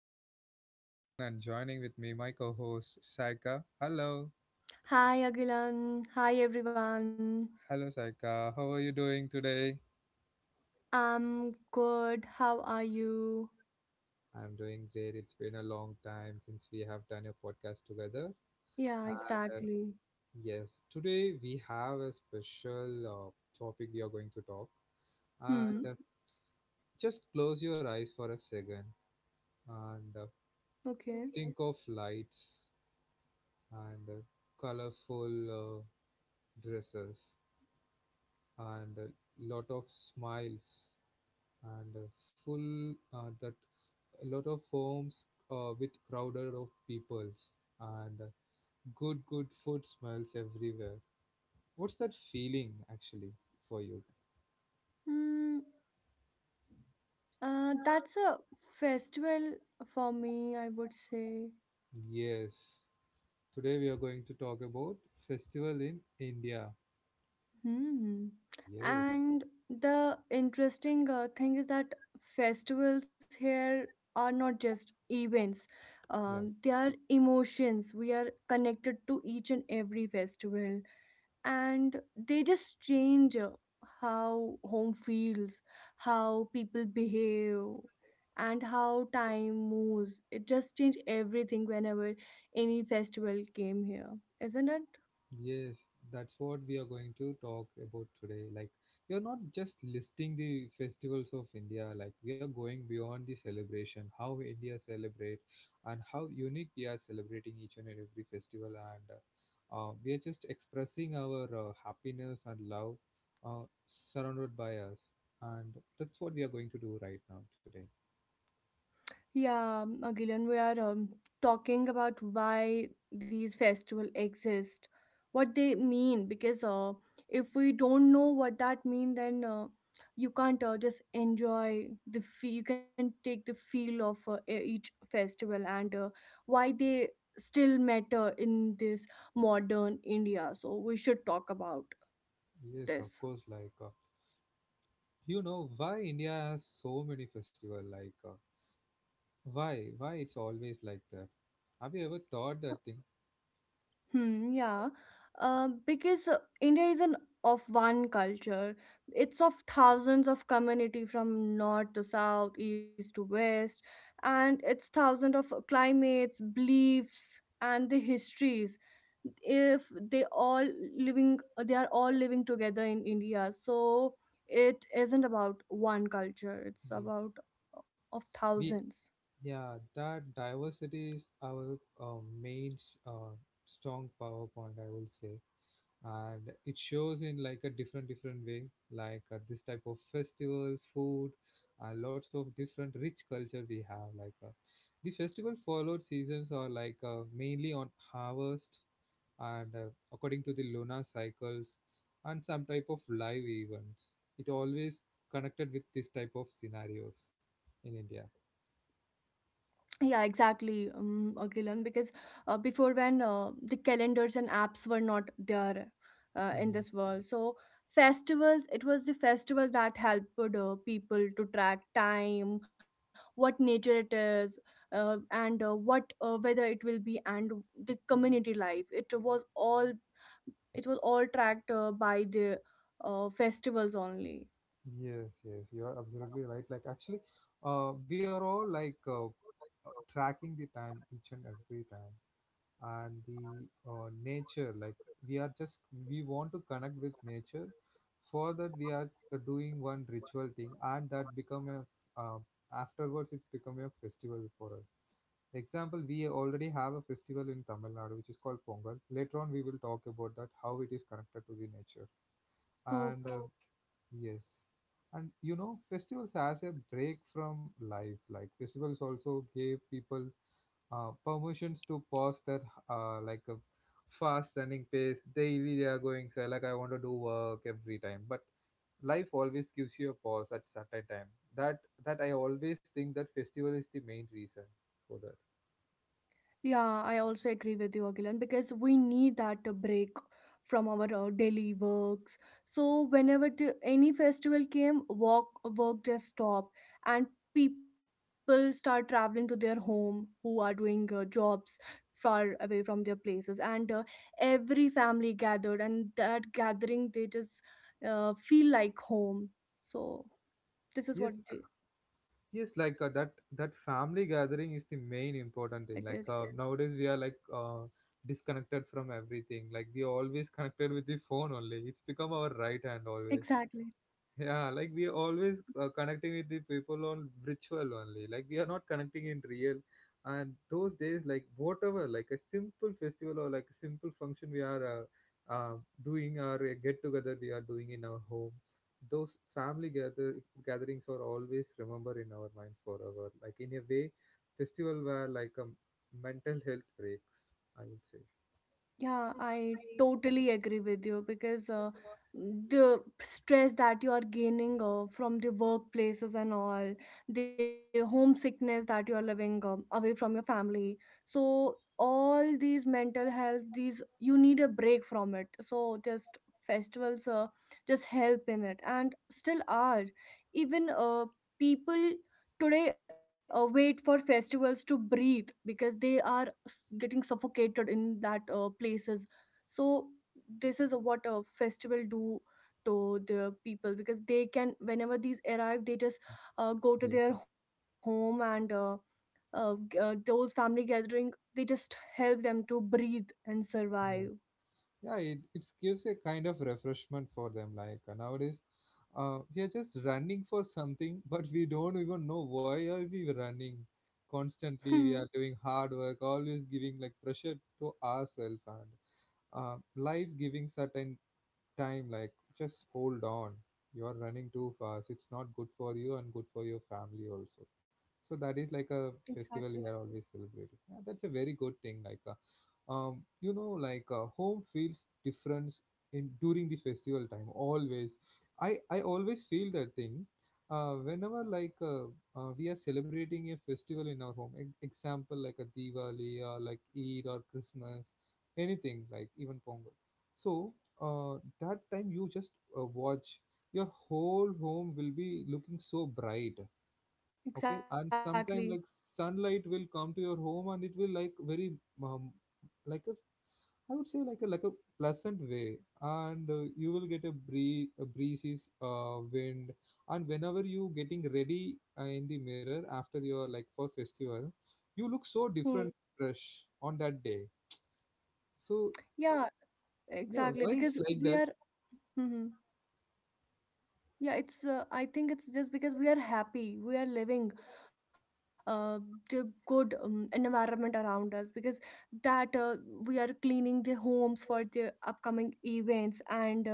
is your host Agilan and joining with me my co-host Saika. Hello. Hi Agilan. Hi everyone. Hello Saika. How are you doing today? I'm good. How are you? I'm doing great. It's been a long time since we have done a podcast together. Yeah, And exactly. yes, today we have a special topic we are going to talk. And Hmm. Just close your eyes for a second and Okay. think of lights and colorful dresses and a lot of smiles and full that a lot of homes with crowded of peoples and good food smells everywhere. What's that feeling actually for you? Hmm. That's a festival for me, I would say. Yes, today we are going to talk about festival in India. Hmm. Yes. And the interesting thing is that festivals here are not just events. Um, Yeah. they are emotions. We are connected to each and every festival, and they just change how home feels, how people behave, and how time moves. It just changed everything whenever any festival came here, isn't it? Yes, that's what we are going to talk about today. Like, we are not just listing the festivals of India, like, we are going beyond the celebration, how India celebrate, and how unique we are celebrating each and every festival. And we are just expressing our happiness and love uh, surrounded by us. And that's what we are going to do right now today. Yeah, Gillian, we are talking about why these festivals exist, what they mean, because if we don't know what that mean, then you can't just enjoy the feel. You can take the feel of each festival and why they still matter in this modern India. So we should talk about Yes, of this. course. You know, why India has so many festival? Why? Why it's always like that? Have you ever thought that thing? Hmm, yeah. Because India isn't of one culture. It's of thousands of community, from north to south, east to west, and it's thousands of climates, beliefs, and the histories. If they all living, they are all living together in India. So it isn't about one culture. It's Yeah. about of thousands. We, yeah, that diversity is our main strong power point, I will say. And it shows in like a different way, like this type of festival food, lots of different rich culture we have, like the festival followed seasons are like mainly on harvest and according to the lunar cycles and some type of live events. It always connected with this type of scenarios in India. Yeah, exactly, Agilan, because before when the calendars and apps were not there in this world. So festivals, it was the festivals that helped people to track time, what nature it is, and what weather it will be, and the community life. It was all tracked by the festivals only. Yes, yes, you are absolutely right. Like, actually, we are all like tracking the time each and every time, and the nature. Like, we are just we want to connect with nature. For that, we are doing one ritual thing, and that become a uh, afterwards it's become a festival for us. Example, we already have a festival in Tamil Nadu which is called Pongal. Later on, we will talk about that how it is connected to the nature and Okay. Yes. And you know, festivals as a break from life. Like festivals also gave people permissions to pause their like a fast running pace. Daily they are going say like I want to do work every time. But life always gives you a pause at certain time. That that I always think that festival is the main reason for that. Yeah, I also agree with you, Agilan, because we need that break from our daily works. So whenever the, any festival came, work just stopped, and people start traveling to their home who are doing jobs far away from their places, and every family gathered, and that gathering they just feel like home. So this is what Yes. the, it Yes, is like that family gathering is the main important thing. Like nowadays we are like disconnected from everything. Like we are always connected with the phone only. It's become our right exactly. hand always. Yeah, like we are always connecting with the people on virtual only. Like we are not connecting in real. And those days, like whatever, like a simple festival or like a simple function we are uh, uh, doing or a get together we are doing in our home, those family gatherings are always remember in our mind forever. Like in a way, festival were like a mental health breaks. I would say Yeah, I totally agree with you because the stress that you are gaining from the workplaces and all, the homesickness that you are living away from your family. So, all these mental health, these you need a break from it. So, just festivals just help in it and still are. Even people today wait for festivals to breathe because they are getting suffocated in that places. So this is what a festival do to the people, because they can whenever these arrive they just go to their yes. home and those family gathering, they just help them to breathe and survive. Yeah. Yeah, it gives a kind of refreshment for them. Like nowadays we are just running for something but we don't even know why are we running. Hmm. Constantly we are doing hard work, always giving like pressure to ourselves. And life giving certain time like just hold on, you are running too fast, it's not good for you and good for your family also. So that is like a Exactly. festival we are always celebrating. Yeah, that's a very good thing. Like you know, like home feels different in during the festival time always. I always feel that thing whenever we are celebrating a festival in our home. Example like a Diwali or like Eid or Christmas, anything, like even Pongal. So that time you just watch, your whole home will be looking so bright. Okay. And Exactly. sometime like sunlight will come to your home and it will like very um, like a I would say like a pleasant way. And you will get a breezy wind. And whenever you getting ready in the mirror after your like for festival, you look Hmm. so different fresh on that day. So Yeah, yeah, exactly, why because it's we like are. that? Hmm. Hmm. Yeah, it's. I think it's just because we are happy, we are living, uh, the good environment around us. Because that we are cleaning the homes for the upcoming events, and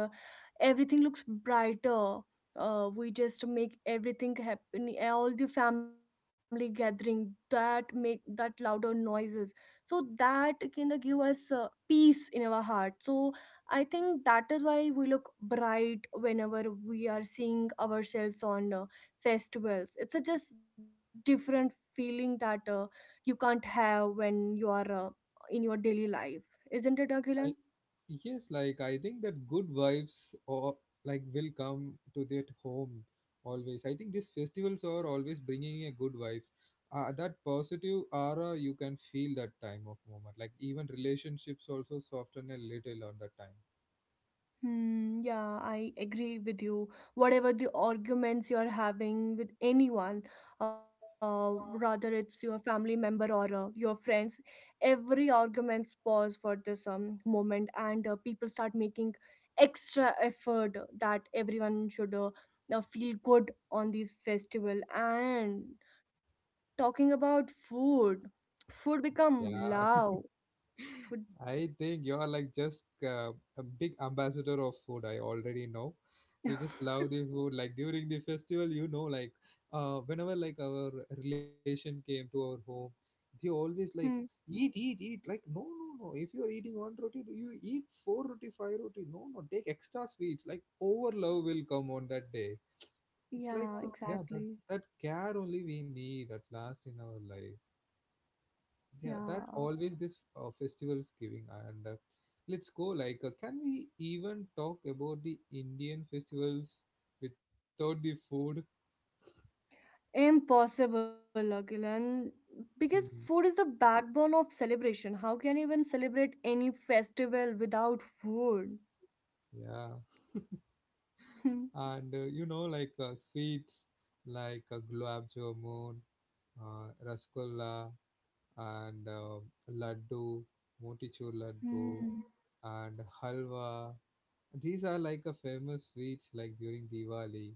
everything looks brighter. We just make everything happen. All the family gathering that make that louder noises, so that kind of give us peace in our heart. So I think that is why we look bright whenever we are seeing ourselves on festivals. It's a just different feeling that you can't have when you are in your daily life. Isn't it, Akhilan? I. Yes, like I think that good vibes or like will come to that home always. I think these festivals are always bringing a good vibes. That positive aura you can feel that time of moment. Like even relationships also soften a little on that time. Hmm, yeah, I agree with you. Whatever the arguments you're having with anyone, uh, rather it's your family member or your friends, every arguments pause for this moment, and people start making extra effort that everyone should feel good on these festival. And talking about food, food become Yeah, loud. Food. I think you are like just a big ambassador of food. I already know. You just love the food. Like during the festival, you know, like whenever like our relation came to our home, they always Hmm, like eat, eat, eat. Like no, no, no. If you are eating one roti, you eat four roti, five roti. No, no. Take extra sweets. Like over love will come on that day. It's like yeah, yeah, that exactly. that care only we need at last in our life. Yeah, Yeah. that always this festivals giving. And let's go, like can we even talk about the Indian festivals without the food? Impossible, Agilan. Because food Hmm, is the backbone of celebration. How can you even celebrate any festival without food? yeah. Hmm. And you know, like sweets like gulab jamun, rasgulla, and laddu, motichur laddu, Hmm. and halwa. These are like a famous sweets like during Diwali.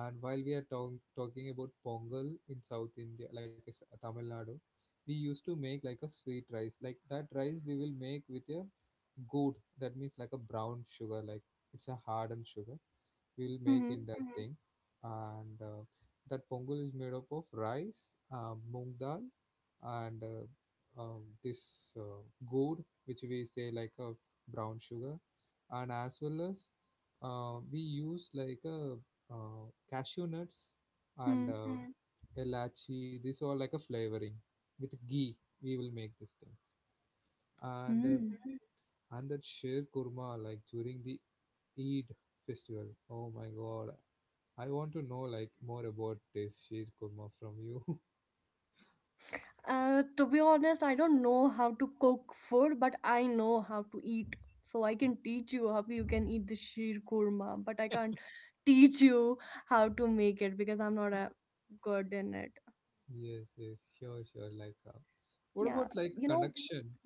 And while we are talking about Pongal in South India, like it's Tamil Nadu, we used to make like a sweet rice. Like that rice we will make with a good, that means like a brown sugar, like it's a hardened sugar. We will make Hmm. in that thing. And that Pongal is made up of rice, moong dal, and this gourd, which we say like a brown sugar. And as well as we use like a uh, cashew nuts and Hmm. Elachi. These all like a flavoring with ghee. We will make these things. And Hmm. and that sheer kurma like during the Eid festival. Oh my God, I want to know like more about this sheer kurma from you. To be honest, I don't know how to cook food, but I know how to eat. So I can teach you how you can eat the sheer korma, but I can't teach you how to make it because I'm not a good in it. Yes, yes, sure, sure. Like, Yeah, what you about know. like connection?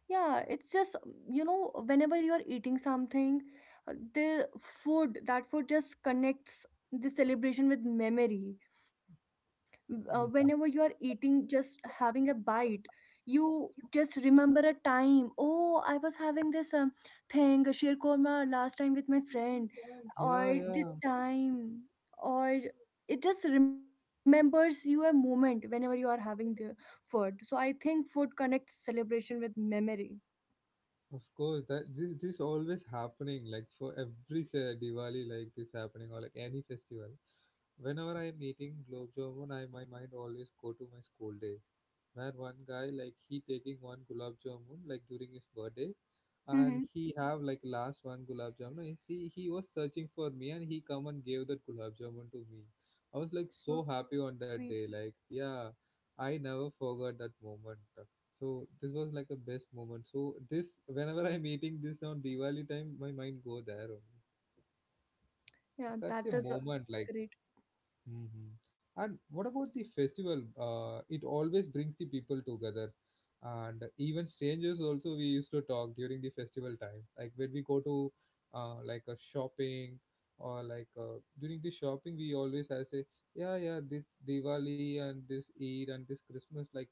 Yeah, it's just, you know, whenever you're eating something, the food, that food just connects the celebration with memory. Whenever you are Mm. eating, just having a bite, you just remember a time. Oh, I was having this thing, sheer korma, last time with my friend, Yeah, or the yeah. time, or it just remembers you a moment whenever you are having the food. So I think food connects celebration with memory. Of course, that this always happening. Like for every say, Diwali, like this happening or like any festival. Whenever I'm eating globe jamun, I my mind always go to my school days, where one guy like he taking one gulab jamun like during his birthday, and he Mm-hmm. have like last one gulab jamun. And he was searching for me and he come and gave that gulab jamun to me. I was like so happy So on that sweet. day. Like yeah, I never forgot that moment. So this was like a best moment. So this whenever I'm eating this on Diwali time, my mind go there only. That's the Yeah, that moment is a like great. hmm. And what about the festival? It always brings the people together, and even strangers also we used to talk during the festival time. Like when we go to like a shopping or like during the shopping, we always I say, yeah, yeah, this Diwali and this Eid and this Christmas, like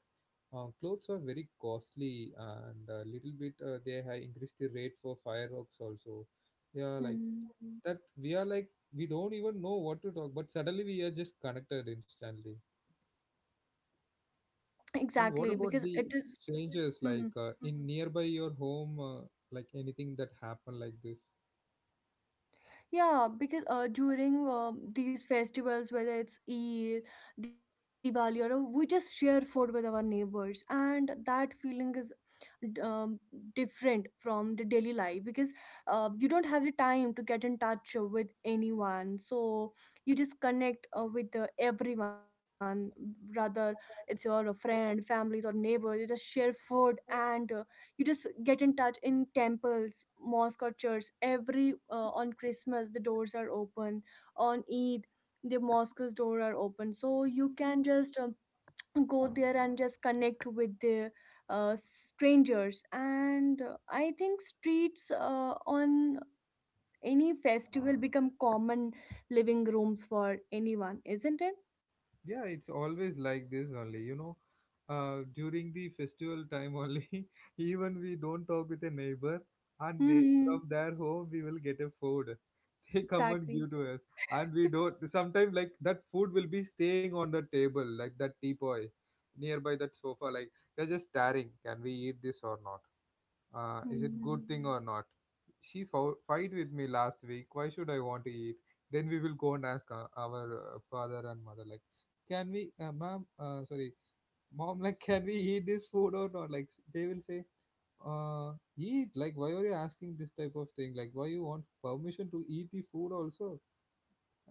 clothes are very costly and a little bit they have increased the rate for fireworks also. Yeah, like Mm. that we are like we don't even know what to talk, but suddenly we are just connected instantly. And Exactly, what because about it the is. strangers Mhm. like in nearby your home like anything that happened like this. Yeah, because during these festivals, whether it's Eid, Diwali, or we just share food with our neighbors, and that feeling is d- um, different from the daily life because you don't have the time to get in touch with anyone, so you just connect with everyone, rather it's your friend families or neighbors. You just share food, and you just get in touch in temples, mosque, or church. Every on Christmas the doors are open, on Eid the mosque's door are open, so you can just go there and just connect with the strangers. And I think streets on any festival become common living rooms for anyone, isn't it? Yeah, it's always like this only, you know, during the festival time only. Even we don't talk with a neighbor, and they from Hmm. their home we will get a food. They come and Exactly. give to us. And we don't sometimes like that food will be staying on the table like that teapoy nearby that sofa, like they're just staring, can we eat this or not? Is it good Hmm. thing or not? She fight with me last week, why should I want to eat? Then we will go and ask our father and mother like, can we ma'am sorry mom, like can we eat this food or not? Like, they will say uh eat, like why are you asking this type of thing, like why you want permission to eat the food also?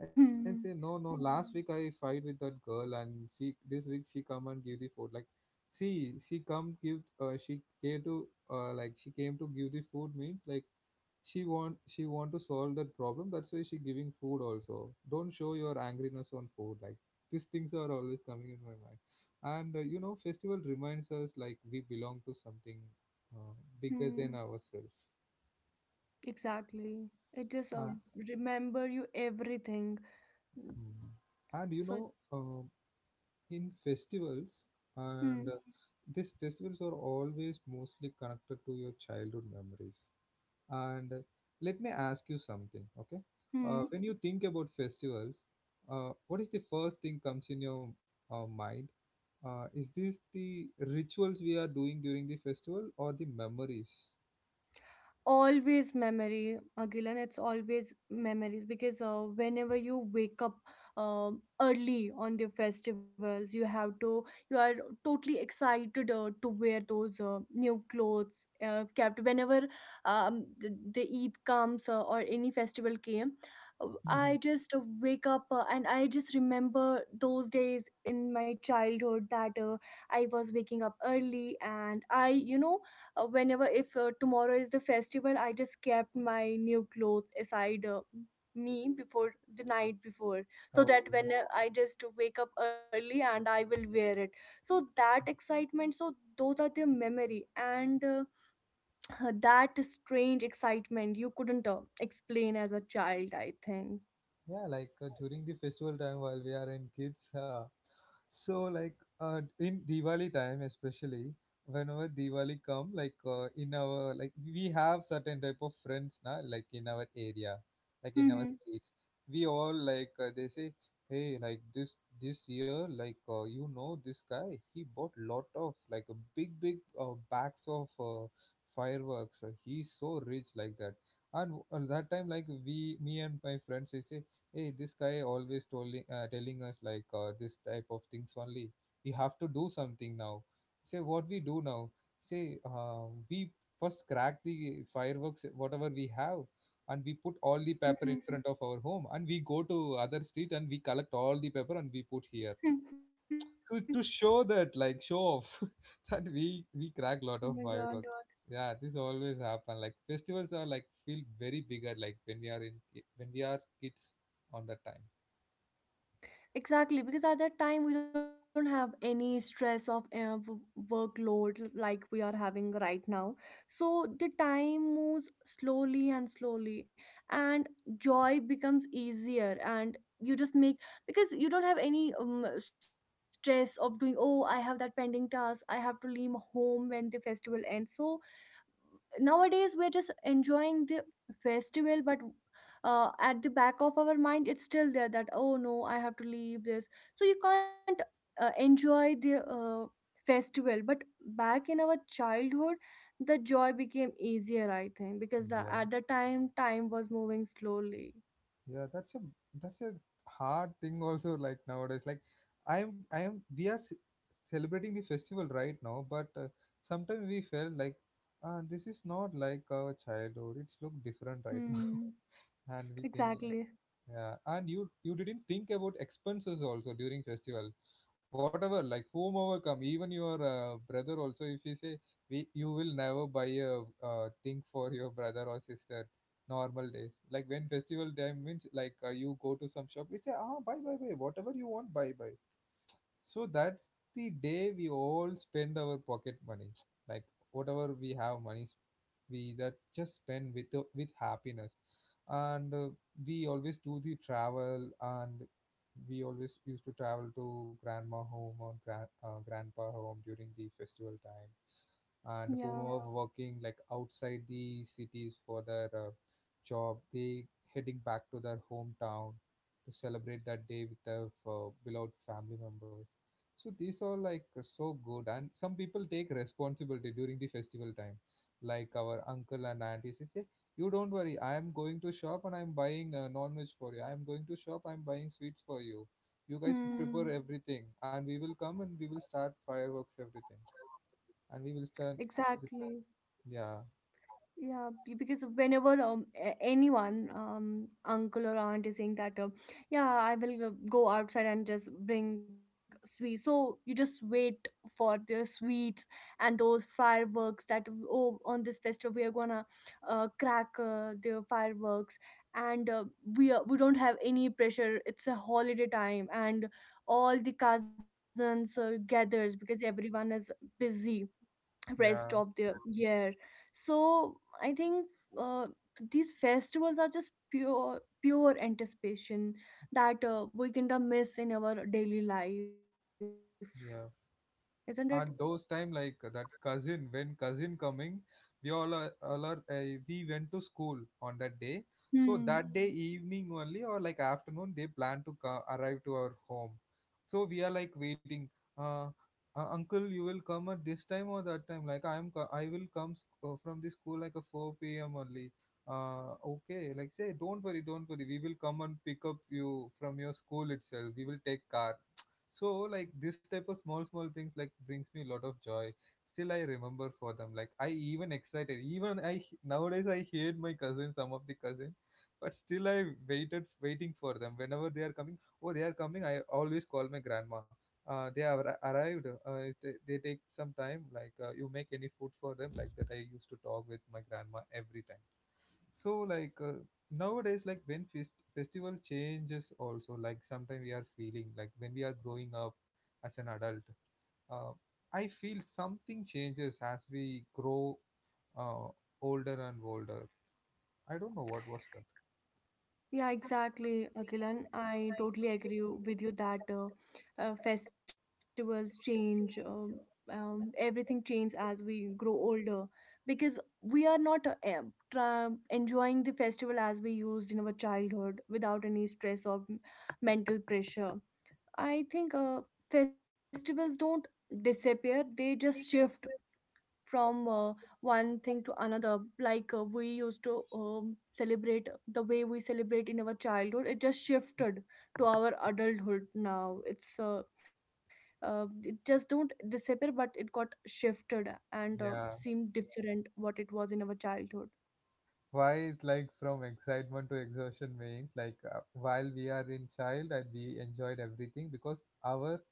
I say no, Hmm. no. Last week I fight with that girl, and she this week she come and give the food. Like, see, she come give. She came to like she came to give the food means like she want to solve that problem. That's why she giving food also. Don't show your angriness on food. Like these things are always coming in my mind. And festival reminds us like we belong to something uh, bigger Hmm. than ourselves. Exactly. It just Uh, remember you everything. Mm. mm. And So, in festivals hmm. and these festivals are always mostly connected to your childhood memories and let me ask you something, okay? Hmm. When you think about festivals, what is the first thing comes in your mind? Is this the rituals we are doing during the festival or the memories? Always memory, Gilan. It's always memories because whenever you wake up early on the festivals, you have to, you are totally excited to wear those new clothes. Kept whenever the Eid comes or any festival came, I Mhm. just wake up and I just remember those days in my childhood that I was waking up early, and I you know, whenever if tomorrow is the festival, I just kept my new clothes aside, me before the night before, so that Oh. when I just wake up early and I will wear it. So that excitement. So those are the memory. And that strange excitement you couldn't explain as a child, I think. Yeah, like during the festival time while we are in kids, so like in Diwali time especially, whenever Diwali come, like in our, like we have certain type of friends now, like in our area, like in our Mhm. streets, we all, like they say, hey, like this year, like you know this guy, he bought lot of like a big big bags of fireworks. He's so rich, like that. And that time like we, me and my friends, we say, hey, this guy always telling us, like this type of things only. We have to do something now. Say, what we do now? Say we first crack the fireworks whatever we have, and we put all the paper in front of our home, and we go to other street and we collect all the paper and we put here. So to show that, like show off, that we Oh we my crack god. lot of fireworks. Yeah, this always happen. Like festivals are like feel very bigger, like when we are kids on that time. Exactly, because at that time we don't have any stress of workload like we are having right now. So the time moves slowly and slowly, and joy becomes easier. And you just make, because you don't have any stress of doing, oh, I have that pending task, I have to leave home when the festival ends. So nowadays we're just enjoying the festival, but at the back of our mind it's still there that oh no, I have to leave this. So you can't enjoy the festival. But back in our childhood the joy became easier, I think, because the, Yeah, at the time was moving slowly. yeah, that's a hard thing also like nowadays. Like I'm we are celebrating the festival right now, but sometimes we felt like this is not like our childhood. It's look different right now, Hmm. and we think like, Exactly. yeah, and you didn't think about expenses also during festival, whatever, like whomever come, even your brother also. If you say we, you will never buy a thing for your brother or sister, normal days. Like when festival time means, like you go to some shop, we say, ah, buy buy buy, whatever you want, buy buy. So that's the day we all spend our pocket money, like whatever we have money, we that just spend with happiness, and we always do the travel, and we always used to travel to grandma home or grandpa home during the festival time, and who Yeah. are working like outside the cities for their job, they heading back to their hometown to celebrate that day with their beloved family members. So these are like so good, and some people take responsibility during the festival time. Like our uncle and aunties, they say, you don't worry, I am going to shop and I'm buying non-veg for you. I am going to shop, I'm buying sweets for you. You guys prepare Hmm. everything, and we will come and we will start fireworks, everything, and we will start. Exactly. Yeah, Because whenever anyone, uncle or aunt is saying that, yeah, I will go outside and just bring sweets, so you just wait for the sweets and those fireworks that, oh, on this festival we are gonna crack the fireworks. And we, are, we don't have any pressure. It's a holiday time, and all the cousins gathers because everyone is busy rest of yeah, the year. So I think uh, these festivals are just pure anticipation that we kind of miss in our daily life, yeah. isn't it? And those time like that cousin, when cousin coming, we all are, we went to school on that day. Hmm. So that day, Mm-hmm, evening only or like afternoon they plan to arrive to our home. So we are like waiting. Uh, uncle, you will come at this time or that time? Like I will come from the school like a 4 p.m. only. Okay, like, say, don't worry, don't worry, we will come and pick up you from your school itself. We will take car. So like this type of small small things, like brings me a lot of joy. Still I remember for them, like I even excited, even nowadays I hate my cousin, some of the cousin, but still I waited waiting for them, whenever they are coming, oh, they are coming, I always call my grandma. They have arrived, if they take some time, like you make any food for them? Like that, I used to talk with my grandma every time. So like, nowadays like when festival changes also, like sometimes we are feeling like when we are growing up as an adult, uh, I feel something changes as we grow uh, older and older. I don't know what was that. Yeah, exactly, Akilan. I totally agree with you that festivals change, everything changes as we grow older because we are not enjoying the festival as we used in our childhood without any stress or mental pressure. I think festivals don't disappear, they just shift from one thing to another. Like we used to celebrate the way we celebrate in our childhood, it just shifted to our adulthood. Now it's it just don't disappear but it got shifted and Yeah, seemed different what it was in our childhood. why it like, from excitement to exhaustion means, like while we are in child and we enjoyed everything, because our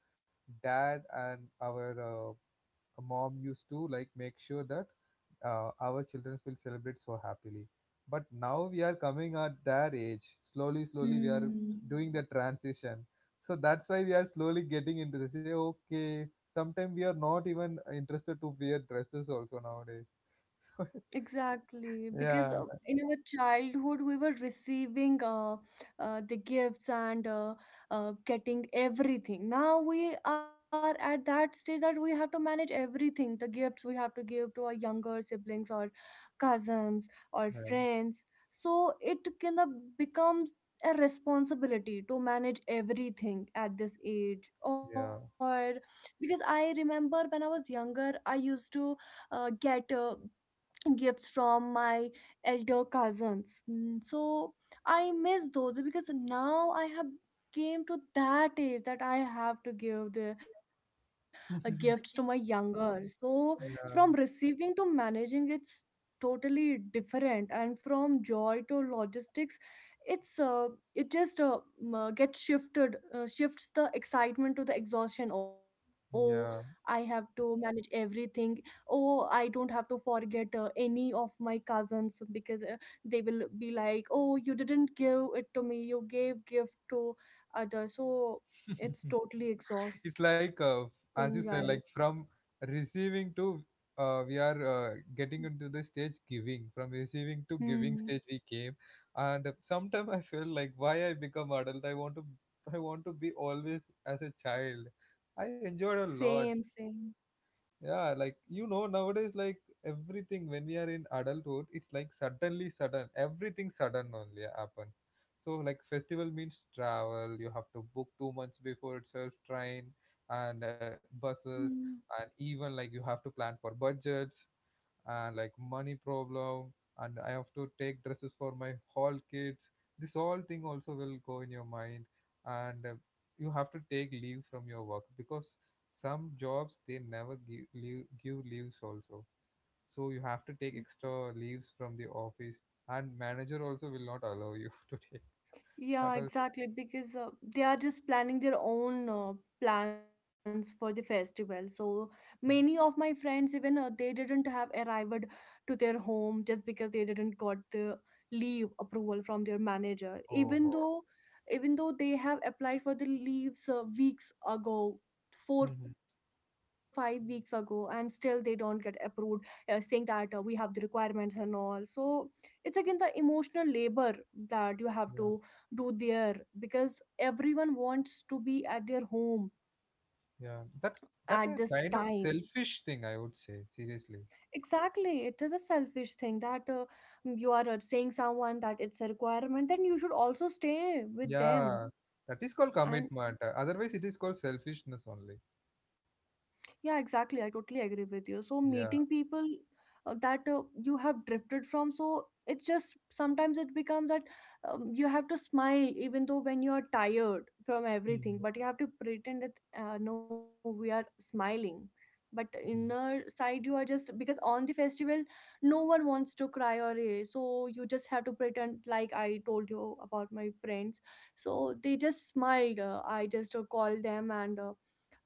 dad and our uh, mom used to like make sure that our children will celebrate so happily. But now we are coming at their age. Slowly, slowly, we are Hmm. doing the transition. So that's why we are slowly getting into this. Say, okay, sometimes we are not even interested to wear dresses also nowadays. Exactly, because Yeah, in our childhood we were receiving the gifts and getting everything. Now we are at that stage that we have to manage everything. The gifts we have to give to our younger siblings or cousins or like- friends. So it kind of becomes a responsibility to manage everything at this age. Or yeah, because I remember when I was younger, I used to get. Gifts from my elder cousins. So I miss those because now I have came to that age that I have to give the gifts to my yeah, younger, so from yeah. receiving to managing, it's totally different. And from joy to logistics, it's uh, it just gets shifted shifts the excitement to the exhaustion. Oh, I have Yeah. to manage everything. Oh, I don't have to forget any of my cousins, because they will be like, oh, you didn't give it to me, you gave gift to others. So it's totally It's like exhausting, right? as you said, like from receiving to we are getting into the stage giving, from receiving to Hmm. giving stage we came, and sometimes I feel like, why I become adult? I want to I want to be always as a child. I enjoyed a Same, lot. same. Yeah, like nowadays like everything when we are in adulthood, it's like suddenly sudden. Everything sudden only happen. So like festival means travel. You have to book 2 months before itself, train and Hmm. buses, and even like you have to plan for budgets and like money problem. And I have to take dresses for my hall kids. This all thing also will go in your mind, and you have to take leave from your work, because some jobs they never give, leave, give leaves also. So you have to take extra leaves from the office, and manager also will not allow you to take Yeah, that also. exactly. Because they are just planning their own plans for the festival. So many of my friends, even they didn't have arrived to their home just because they didn't got the leave approval from their manager. Oh God. Even though they have applied for the leaves weeks ago. Four Hmm. five weeks ago, and still they don't get approved, saying that we have the requirements and all. So it's again the emotional labor that you have Yeah, to do there, because everyone wants to be at their home yeah, at this that time. is kind of selfish thing, I would say. Seriously. Exactly, it is a selfish thing that you are saying someone that it's a requirement, then you should also stay with them. Yeah, that is called And commitment. Otherwise, it is called selfishness only. yeah, exactly. I totally agree with you. So meeting Yeah. people that you have drifted from, so it's just sometimes it becomes that you have to smile even though when you are tired from Mhm. everything, but you have to pretend that, no, we are smiling. But Mhm. inner side, you are just, because on the festival, no one wants to cry or eh, so you just have to pretend. Like I told you about my friends. So they just smiled. I just called them and uh,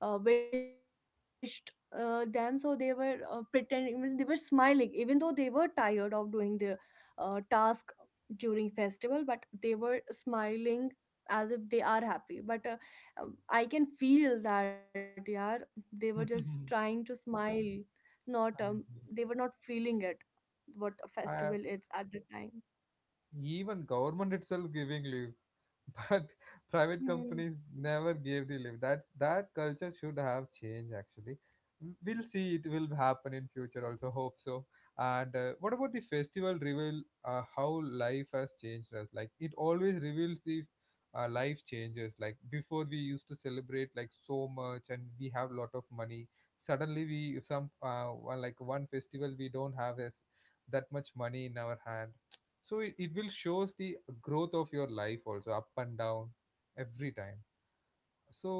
uh, wished them, so they were pretending, means they were smiling even though they were tired of doing the task during festival, but they were smiling as if they are happy, but I can feel that, yeah, they were just trying to smile, not they were I- not feeling it, what a festival is I- at the time. even government itself giving leave, but private Hmm. companies never gave the lift, that culture should have changed actually. Mm, we'll see, it will happen in future also, hope so. And what about the festival reveal, how life has changed us? Like it always reveals the life changes, like before we used to celebrate like so much and we have a lot of money, suddenly we, some like one festival we don't have this that much money in our hand, so it will shows the growth of your life also, up and down every time. So,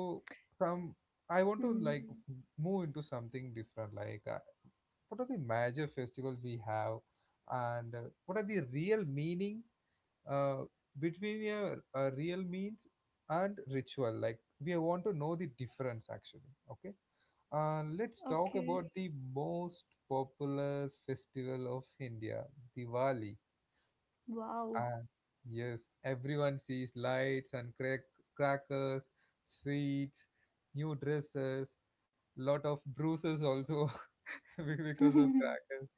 some, Hmm. I want to like move into something different, like what are the major festivals we have, and what are the real meaning, uh, between a real means and ritual? Like we want to know the difference actually. Okay, Okay. let's talk about the most popular festival of India, Diwali. Wow. And yes, everyone sees lights and crackers, sweets, new dresses, lot of bruises also hmm. because of crackers.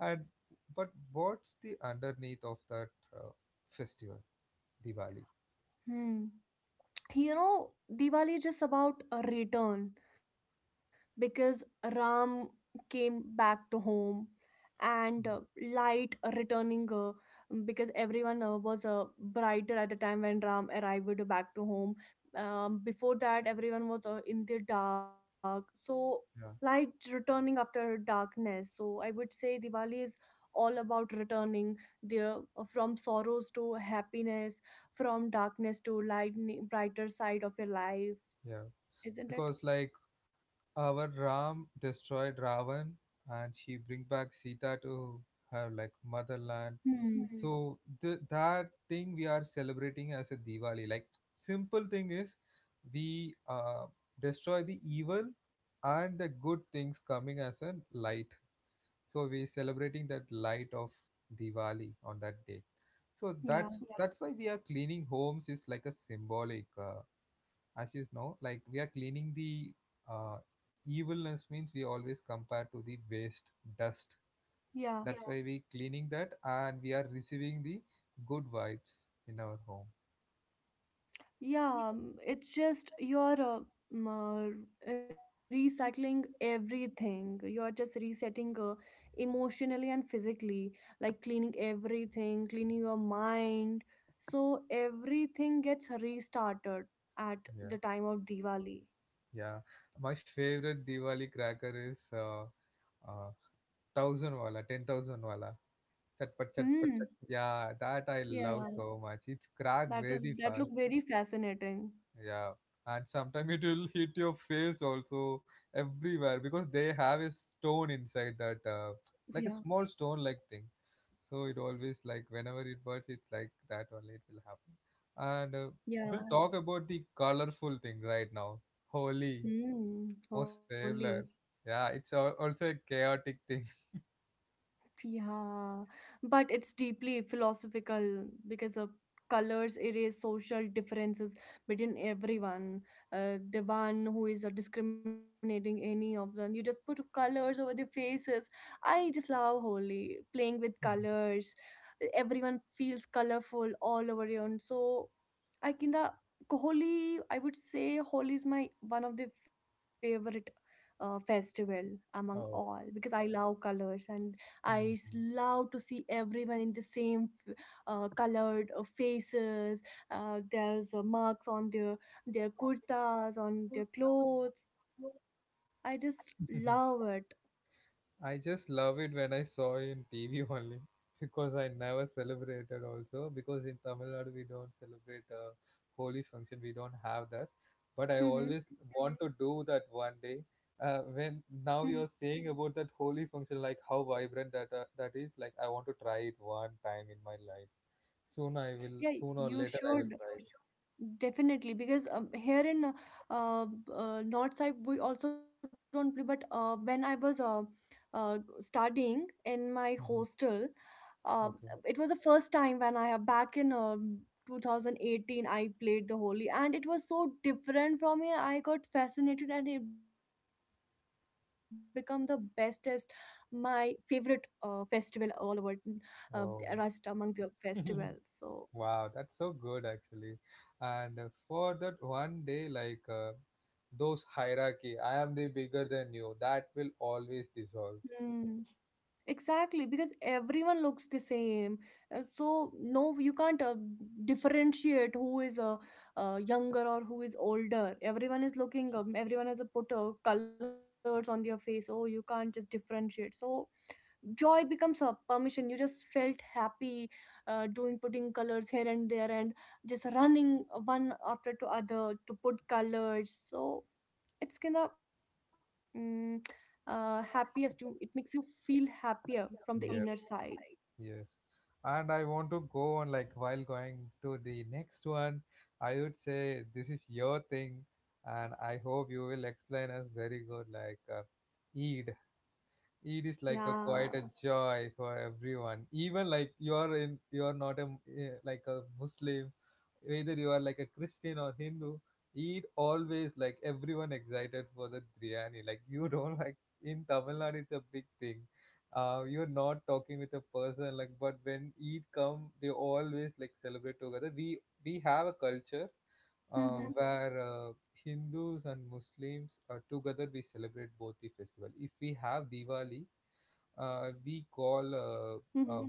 And but what's the underneath of that uh, festival, Diwali? You know, Diwali is just about a return, because Ram came back to home, and Mm. light returning, because everyone was brighter at the time when Ram arrived back to home. Before that, everyone was in the dark. So, light Yeah, returning after darkness. So, I would say Diwali is all about returning there, from sorrows to happiness, from darkness to light, brighter side of your life, yeah, isn't it? because like our Ram destroyed Ravan, and he bring back Sita to her, like, motherland. Hmm. So the, that thing we are celebrating as a Diwali. Like simple thing is, we destroy the evil and the good things coming as a light. So we celebrating that light of Diwali on that day. So Yeah. that's why we are cleaning homes, is like a symbolic. As you know, like we are cleaning the uh, evilness, means we always compare to the waste dust, Yeah. that's, yeah, why we cleaning that, and we are receiving the good vibes in our home. Yeah. It's just you're m- uh, recycling everything, you're just resetting, emotionally and physically, like cleaning everything, cleaning your mind, so everything gets restarted at Yeah. the time of Diwali. Yeah, my favorite Diwali cracker is uh, 1000 wala, 10,000 wala, chatpat chatpat Hmm. chat, yeah, that I love Yeah, so much. It's cracked that is, very that fast. look very fascinating. Yeah, and sometimes it will hit your face also, everywhere, Yeah. because they have a stone inside that, like a small stone like thing. So it always, like whenever it bursts, it's like that only it will happen. And Yeah. we'll talk about the colorful thing right now. Holy, 嗯，好 most 理。favorite. Yeah, it's also a chaotic thing. Yeah, but it's deeply philosophical because of colors erase social differences between everyone. The one who is discriminating any of them, you just put colors over their faces. I just love Holi, playing with colors. Everyone feels colorful all over you, and so I can the Holi. I would say Holi is my one of the favorite festival among all, Oh. because I love colors and I s- love to see everyone in the same colored faces. There's marks on their kurtas, on their clothes. I just Mhm. love it. I just love it when I saw it in TV only because I never celebrated also, because in Tamil Nadu we don't celebrate a holy function, we don't have that, but I always Hmm. want to do that one day. When now you're saying about that holy function, like how vibrant that that is, like I want to try it one time in my life. Soon I will, Yeah, soon or you later I will should. try it. Definitely, because here in uh, north side we also don't play. But when I was studying in my Mhm. hostel, uh, Okay. it was the first time when I have back in 2018 I played the Holi, and it was so different from here. I got fascinated, and it became the bestest, my favorite festival all over, uh, rest Oh. among the festivals. So. Wow, that's so good actually. And for that one day, like, those hierarchy, I am the bigger than you, that will always dissolve. Hmm. Exactly, because everyone looks the same. So, no, you can't differentiate who is younger or who is older. Everyone is looking, everyone has a put colors on their face. Oh, you can't just differentiate. So, joy becomes a permission. You just felt happy doing putting colors here and there, and just running one after to other to put colors. So, it's kind of, mm, happiest you, it makes you feel happier from the inner Yep, side. yes. And I want to go on, like while going to the next one, I would say this is your thing, and I hope you will explain us very good, like, Eid. It is like a Yeah. quite a joy for everyone, even like you are not a like a Muslim, either you are like a Christian or Hindu. It always like everyone excited for the biryani, like you don't like, in Tamil Nadu it's a big thing. You're not talking with a person, like, but when Eid come they always like celebrate together. We have a culture Mm-hmm. where, Hindus and Muslims are together, we celebrate both the festival. If we have Diwali, Mm-hmm. we call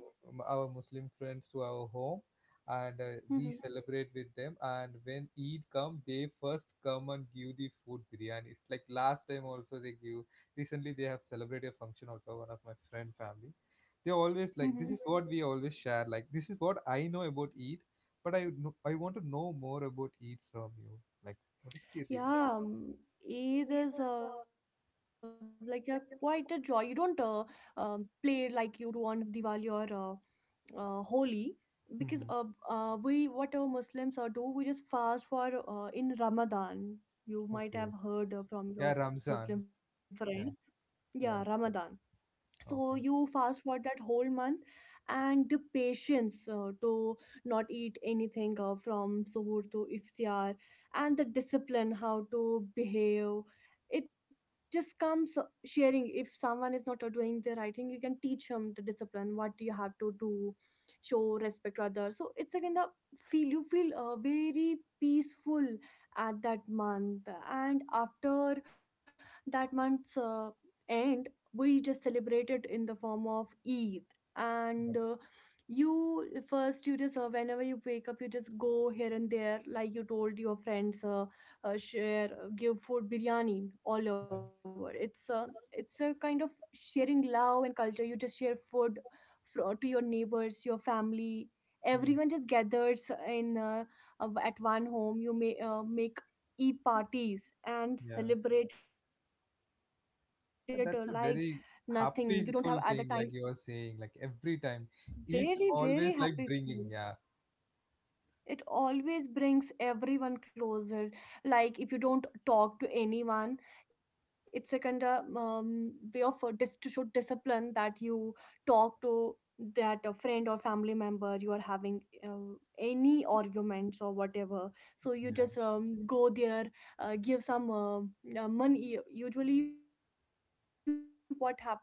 our Muslim friends to our home, and Mm-hmm. we celebrate with them. And when Eid come, they first come and give the food, biryanis. Like last time also they give. Recently they have celebrated a function also. One of my friend family, they always Mm-hmm. like this is what we always share. Like, this is what I know about Eid, but I know, I want to know more about Eid from you. Like, what is the real? Yeah. It is like a quite a joy. You don't um, play like you do on Diwali or Holi, because Mm-hmm. We, what Muslims do, we just fast for in Ramadan. You might have Okay. heard from Yeah, your Ramzan. Muslim friends. Yeah, Yeah, yeah. Ramadan. So you Okay. fast for that whole month, and the patience to not eat anything from suhoor to iftar, and the discipline how to behave, it just comes sharing. If someone is not doing the right thing, you can teach him the discipline what you have to do, show respect to others. So it's again the feel, you feel very peaceful at that month, and after that month's end, we just celebrate it in the form of Eid. And Yeah. You first, you just, whenever you wake up, you just go here and there, like you told your friends, share, give food, biryani all over. It's a, it's a kind of sharing love and culture. You just share food to your neighbors, your family. Hmm. Everyone just gathers in at one home. You may make Eid parties and Yeah. celebrate it like nothing, you Yeah, don't have that's a at the very time. happyful thing, like you are saying, like every time. Very It's very always happy like feel, bringing, yeah. it always brings everyone closer. Like, if you don't talk to anyone, it's a kind of way of to show discipline, that you talk to that a friend or family member you are having uh, any arguments or whatever. So you Yeah. just go there, give some money. Usually what happens on Eid, we receive ed,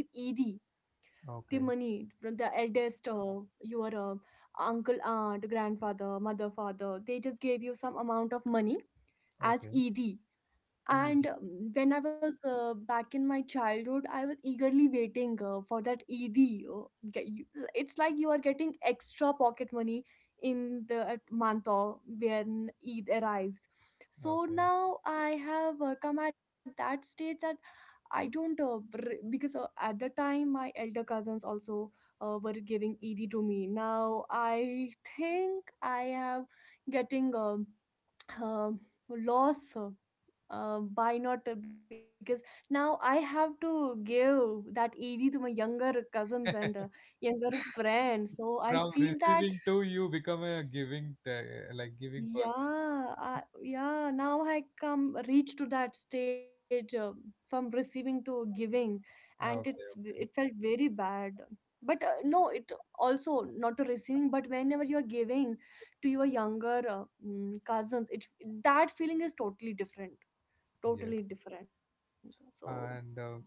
the money from the Okay. eldest, your uncle, aunt, grandfather, mother, father, they just gave you some amount of money as ed. Okay. And ED. when I was back in my childhood, I was eagerly waiting for that ed. uh, get you, it's like you are getting extra pocket money in the at month or when Eid arrives. So Okay. now I have come at that stage that I don't because at the time my elder cousins also were giving ED to me. Now I think I am getting a, um loss, by not because now I have to give that ED to my younger cousins and younger friends. So I From feel that. receiving to you become a giving, like giving person. Yeah, I, yeah. Now I come reach to that stage, from receiving to giving, and Okay. it's v- it felt Okay. very bad. But no, it also not to receiving, but whenever you are giving to your younger, cousins, it, that feeling is totally different, Yes. totally different. So And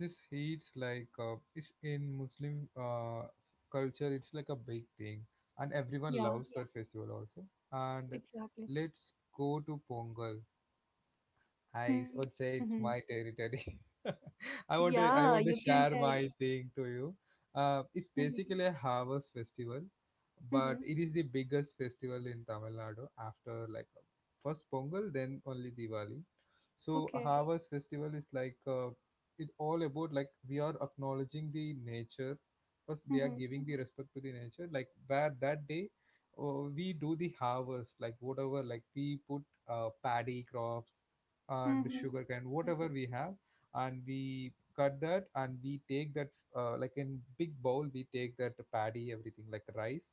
this heats like, it's in Muslim culture. It's like a big thing, and everyone loves yeah, that festival also. And exactly. let's go to Pongal. I would Mm-hmm. say it's my territory. Yeah, you I want to can tell. share my thing to you. It's Mm-hmm. basically a harvest festival, but it Mm-hmm. is the biggest festival in Tamil Nadu after like, first Pongal, then only Diwali. So Okay. harvest festival is like, it all about like we are acknowledging the nature. First, we are Mm-hmm. giving the respect to the nature. Like where that day, we do the harvest, like whatever, like we put paddy crops and sugar Mm-hmm. cane whatever we have, and we cut that and we take that, like in big bowl we take that paddy everything like rice,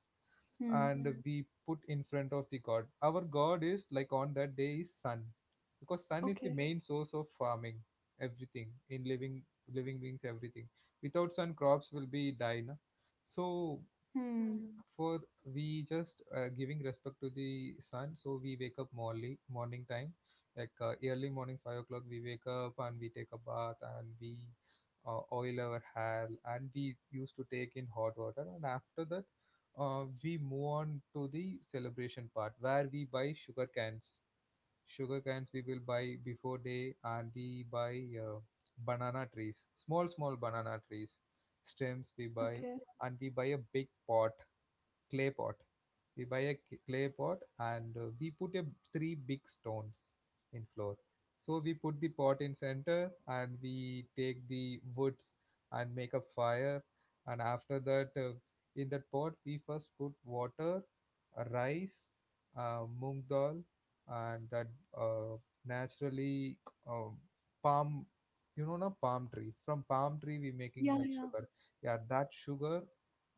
Hmm. and we put in front of the god. Our god is like on that day is sun, because sun is the Okay. main source of farming everything, in living beings everything. Without sun, crops will be die. No, so Hmm. for, we just giving respect to the sun. So we wake up morning morning time, like, early morning 5 o'clock we wake up and we take a bath, and we oil our hair, and we used to take in hot water. And after that, we move on to the celebration part, where we buy sugar cans. Sugar cans we will buy before day, and we buy banana trees, small small banana trees, stems we Okay. buy. And we buy a big pot, clay pot. We buy a clay pot, and we put a three big stones in floor. So we put the pot in center, and we take the woods and make a fire. And after that, in that pot, we first put water, rice, moong dal, and that, uh, naturally, um, palm, you know na, palm tree, from palm tree we Yeah, making yeah. like sugar. Yeah, that sugar.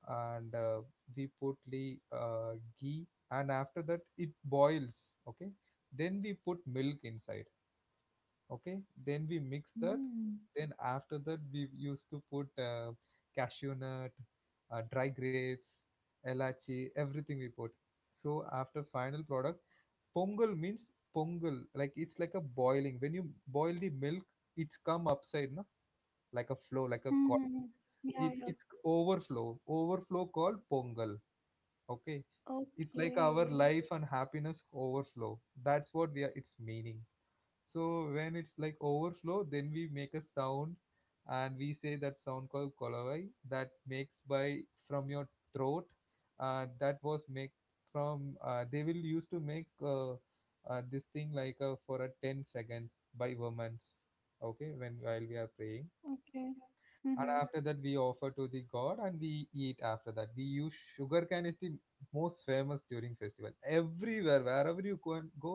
And we put the ghee, and after that it boils. Okay, then we put milk inside. Okay, then we mix Mm. that. Then after that we used to put cashew nut, dry grapes, elachi, everything we put. So after final product, pongal means, pongal like it's like a boiling. When you boil the milk, it's come upside no, like a Hmm, flow, hmm, like a hmm. Yeah, yeah. it's overflow, overflow called pongal. Okay. It's like Okay. our life and happiness overflow. That's what we are, it's meaning. So when it's like overflow, then we make a sound, and we say that sound called kolavai. That makes by from your throat. That was make from, they will used to make this thing, like, for a 10 seconds by women's. Okay, when while we are praying. Okay. Mm-hmm. And after that we offer to the god and we eat. After that we use sugarcane is the most famous during festival. Everywhere wherever you go and go,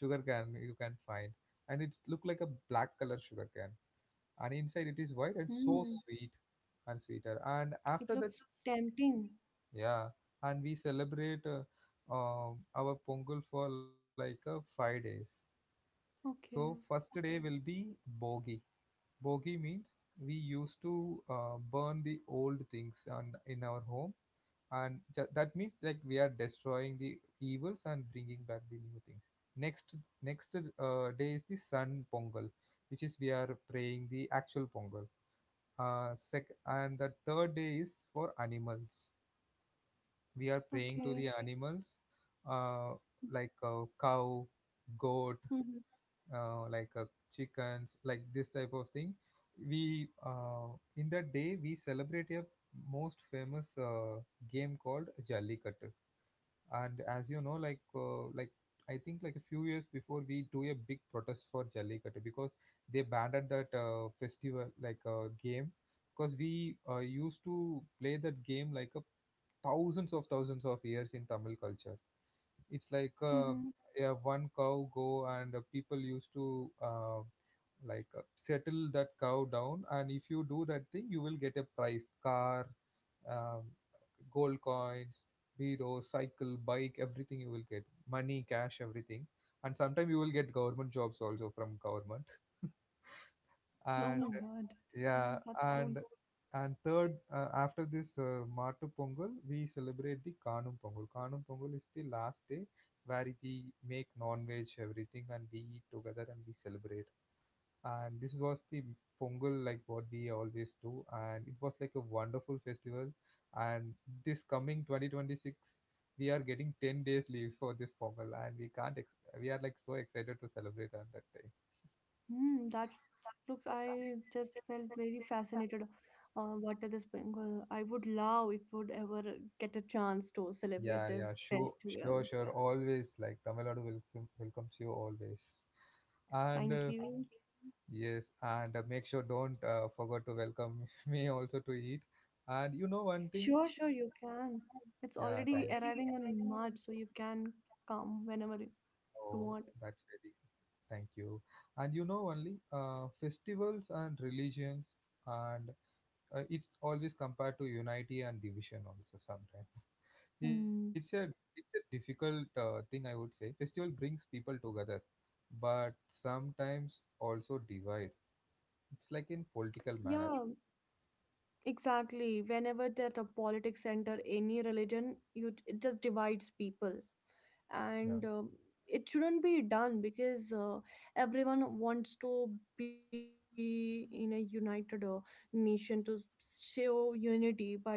sugarcane you can find. And it look like a black color sugarcane, and inside it is white Mm. and so sweet, and sweeter. And It looks after that, tempting. yeah, and we celebrate our pongal for like, 5 days. So first Okay. day will be bogi. Bogi means we used to burn the old things on, in our home, and that means like we are destroying the evils and bringing back the new things. Next, next day is the Sun Pongal, which is we are praying the actual Pongal. And the third day is for animals. We are praying Okay. to the animals, uh, like, cow, goat, Mm-hmm. Like, chickens, like this type of thing. We In that day we celebrate a most famous game called Jallikattu. And as you know, like, like I think like a few years before we do a big protest for Jallikattu, because they banned that festival, like, game, because we used to play that game like a thousands of years in Tamil culture. It's like, Mm-hmm. Yeah, one cow go, and people used to, settle that cow down. And if you do that thing, you will get a prize, car, um, gold coins, hero, cycle, bike, everything you will get, money, cash, everything. And sometimes you will get government jobs also from government. Oh my And God. Mm, that's yeah, cool. and third, after this Mattu Pongal, we celebrate the Kanum Pongal. Kanum Pongal is the last day where we make non-veg everything and we eat together and we celebrate. And this was the Pongal like what we always do, and it was like a wonderful festival. And this coming 2026, we are getting 10 days leaves for this Pongal, and we can't we are like so excited to celebrate on that day. Mm, that looks, I just felt very fascinated. What are this Bengal? I would love if would ever get a chance to celebrate Yeah, this yeah, sure, festival. sure. Always like Tamil Nadu welcomes you always. And Thank you. yes, and make sure don't forget to welcome me also to eat. And you know one Sure, thing? sure, you can. It's Yeah, already it's thank arriving already on arriving. March, so you can come whenever you you Oh, want. that's very, thank you. And you know, only festivals and religions and it's always compared to unity and division also sometimes. It's Hmm. a it's a difficult thing I would say. Festival brings people together, but sometimes also divide. It's like in Yeah, political manner. exactly. Whenever that a politics enter any religion, you it just divides people. And Yeah, it shouldn't be done, because everyone wants to be in a united nation to show unity, but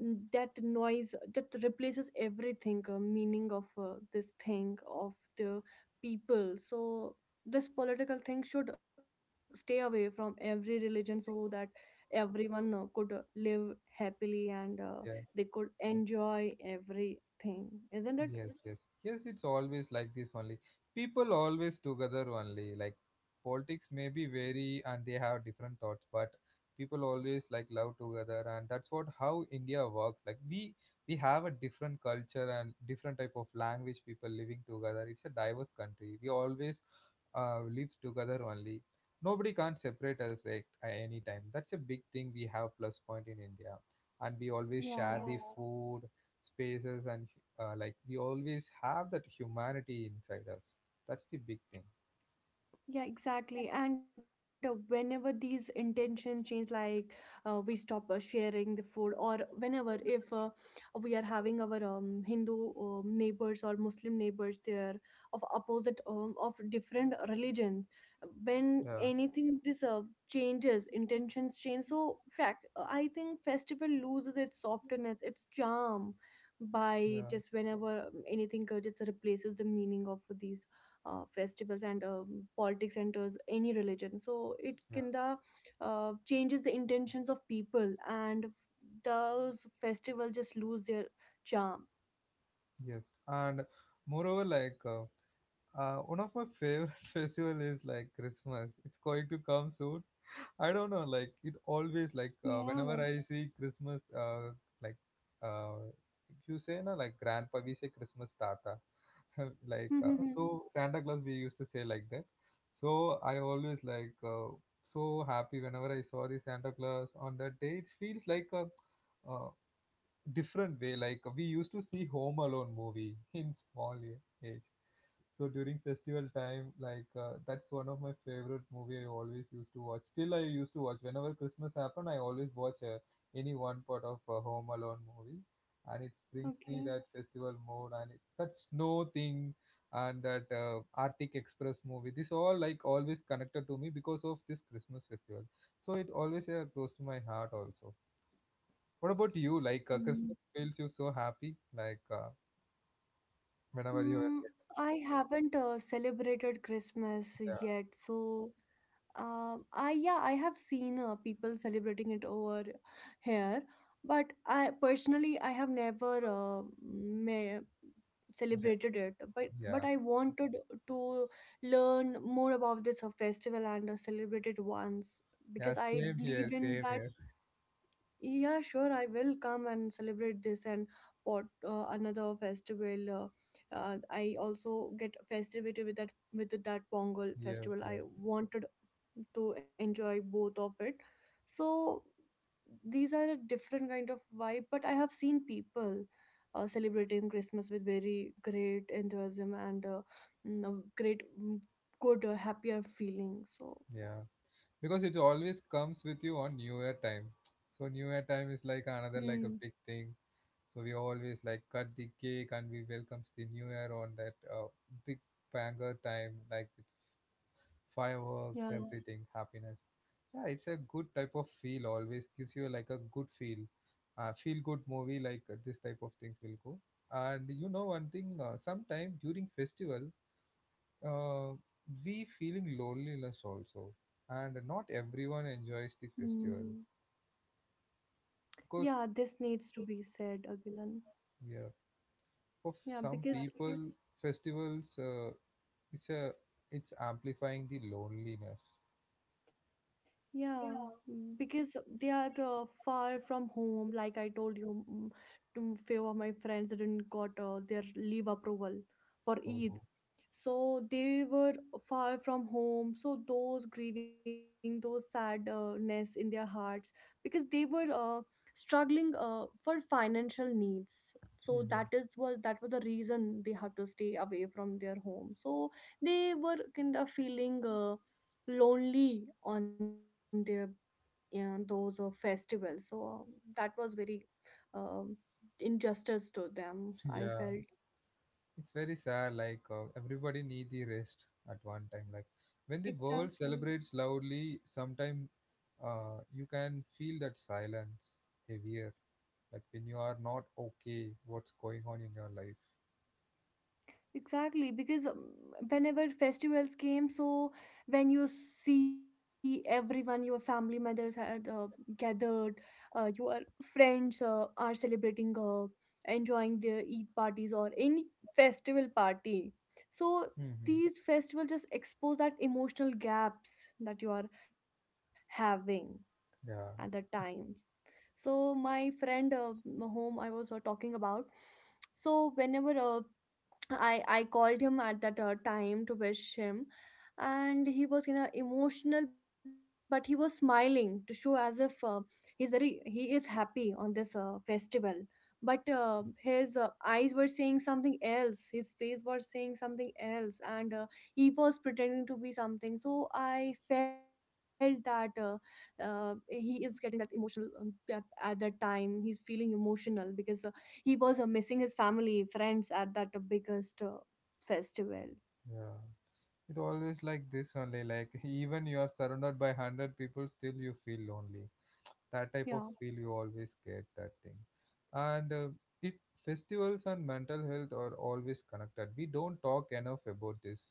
that noise that replaces everything, meaning of this thing of the people. So this political thing should stay away from every religion, so that everyone could live happily, and yeah. they could enjoy everything, isn't it? Yes, yes, yes. It's always like this only. People always together only. Like politics may be vary and they have different thoughts, but people always like love together, and that's what how India works. Like we have a different culture and different type of language. People living together. It's a diverse country. We always lives together only. Nobody can't separate us like at any time. That's a big thing we have, plus point in India. And we always Yeah, share the food, spaces, and like we always have that humanity inside us. That's the big thing. yeah, exactly. And whenever these intentions change, like we stop sharing the food, or whenever if we are having our Hindu neighbors or Muslim neighbors, they are of opposite of different religions. When Yeah, anything this changes, intentions change. So fact, I think festival loses its softness, its charm, by yeah, just whenever anything just replaces the meaning of these festivals, and politics enters any religion, so it yeah. kinda changes the intentions of people, and f- those festivals just lose their charm. Yes, and moreover, like, one of my favorite festival is like Christmas. It's going to come soon. I don't know, like it Yeah. always like, whenever I see Christmas, like, uh, you say na, like grandpa, we say Christmas tata. Like, Mm-hmm. so Santa Claus we used to say like that. So I always like, so happy, whenever I saw the Santa Claus on that day, it feels like a, uh, different way. Like we used to see Home Alone movie in small age. So during festival time, like, that's one of my favorite movie. I always used to watch. Still, I used to watch whenever Christmas happened. I always watch any one part of Home Alone movie, and it brings me that Okay. festival mode, and it, that snow thing, and that Arctic Express movie. This all like always connected to me because of this Christmas festival. So it always close to my heart also. What about you? Like, Hmm. Christmas feels you so happy. Like, whenever you are, Mm, I haven't celebrated Christmas yeah, yet, so, I, yeah, I have seen people celebrating it over here, but I personally I have never me- yeah, celebrated it. But yeah, I wanted to learn more about this festival and celebrate it once, yeah. because I Same here, believe in same that. here. Yeah, sure, I will come and celebrate this and pot another festival. I also get festivity with that, with that Pongal Yeah, festival. yeah, I wanted to enjoy both of it. So these are a different kind of vibe, but I have seen people celebrating Christmas with very great enthusiasm and a great mm, good happier feeling. So. yeah. Because it always comes with you on New Year time. So New Year time is Hmm. like another like a big thing. So we always like cut the cake and we welcomes the New Year on that big banger time. Like with Yeah. fireworks, everything, happiness. Yeah, it's a good type of feel. Always gives you like a good feel, feel good movie like this type of things will go. And you know one thing, sometime during festival, uh, we feeling loneliness also, and not everyone Hmm. enjoys the festival Yeah, this because needs to be said, Agilan. yeah, for Yeah, some because people, festivals it's a it's amplifying the loneliness. yeah, because they are the far from home. Like I told you, to few of my friends didn't got their leave approval for Eid, Oh, so they were far from home, so those grieving, those sadness in their hearts because they were struggling for financial needs, so that mhm. is was that was the reason they had to stay away from their home. So they were kind of feeling lonely on their, yeah, those festivals. So that was very um, injustice to them I felt. yeah. It's very sad. Like everybody need the rest at one time. Like when the world Exactly. celebrates loudly, sometime you can feel that silence heavier. Like when you are not okay, what's going on in your life? Exactly, because whenever festivals came, so when you see everyone, your family members had gathered, your friends are celebrating, enjoying their Eid parties or any festival party. So Hmm. these festivals just expose that emotional gaps that you are having at that Yeah, times. So my friend home I was talking about. So whenever uh, I called him at that time to wish him, and he was, you know, emotional, but he was smiling to show as if he is happy on this festival. But his eyes were saying something else. His face was saying something else, and he was pretending to be something. So I felt that he is getting that emotional at that time. He's feeling emotional because he was missing his family, friends at that biggest festival. yeah. It always like this only. Like even you are surrounded by 100 people, still you feel lonely. That Yeah. type of feel you always get that thing, and it festivals and mental health are always connected. We don't talk enough about this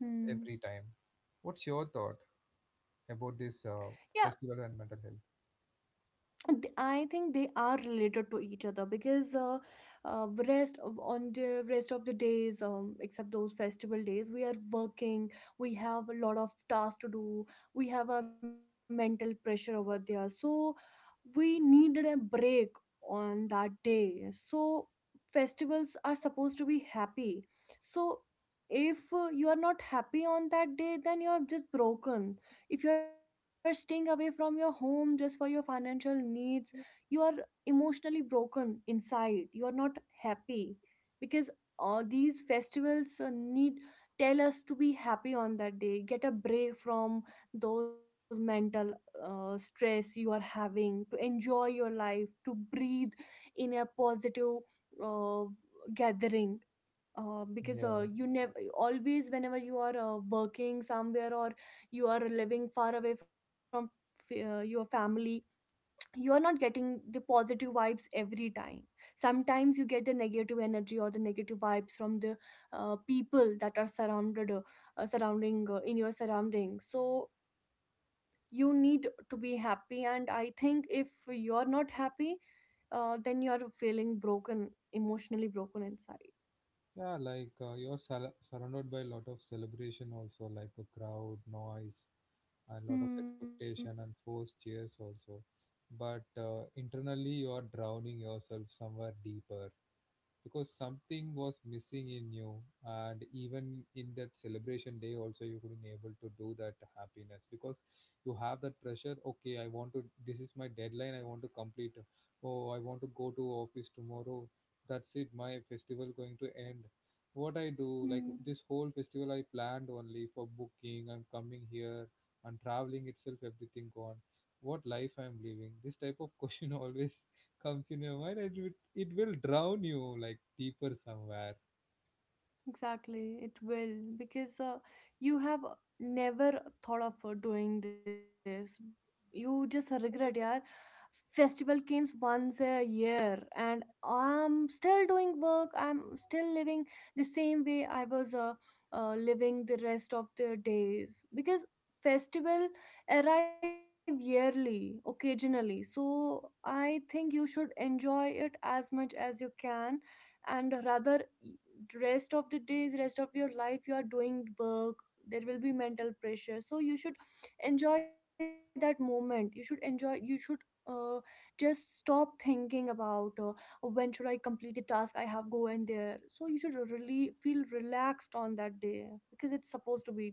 Hmm. every time. What's your thought about this Yeah, festival and mental health? I think they are related to each other because rest of, on the rest of the days, except those festival days, we are working. We have a lot of tasks to do. We have a mental pressure over there, so we needed a break on that day. So festivals are supposed to be happy. So if you are not happy on that day, then you are just broken. If you are staying away from your home just for your financial needs, you are emotionally broken inside. You are not happy because these festivals need, tell us to be happy on that day, get a break from those mental stress you are having, to enjoy your life, to breathe in a positive uh, gathering, because Yeah, you never, always whenever you are working somewhere or you are living far away from your family, you're not getting the positive vibes every time. Sometimes you get the negative energy or the negative vibes from the people that are surrounded surrounding in your surroundings. So you need to be happy, and I think if you're not happy, then you're feeling broken, emotionally broken inside. yeah, like you're surrounded by a lot of celebration also, like a crowd, noise, and lot of Hmm. expectation and forced cheers also. But internally, you are drowning yourself somewhere deeper, because something was missing in you, and even in that celebration day also you couldn't able to do that happiness because you have that pressure. Okay, I want to, this is my deadline, I want to complete, oh I want to go to office tomorrow, that's it, my festival going to end. What I do, like Hmm. this whole festival I planned only for booking and coming here, and traveling itself, everything gone. What life I'm living, this type of question always comes in your mind, and you, it will drown you like deeper somewhere. Exactly, it will, because you have never thought of doing this. You just regret, yeah. Festival comes once a year, and I'm still doing work. I'm still living the same way I was living the rest of the days because festival arrive yearly, occasionally. So I think you should enjoy it as much as you can, and rather, rest of the days, rest of your life, you are doing work. There will be mental pressure, so you should enjoy that moment. You should enjoy. You should, uh, just stop thinking about when should I complete the task I have go in there. So you should really feel relaxed on that day because it's supposed to be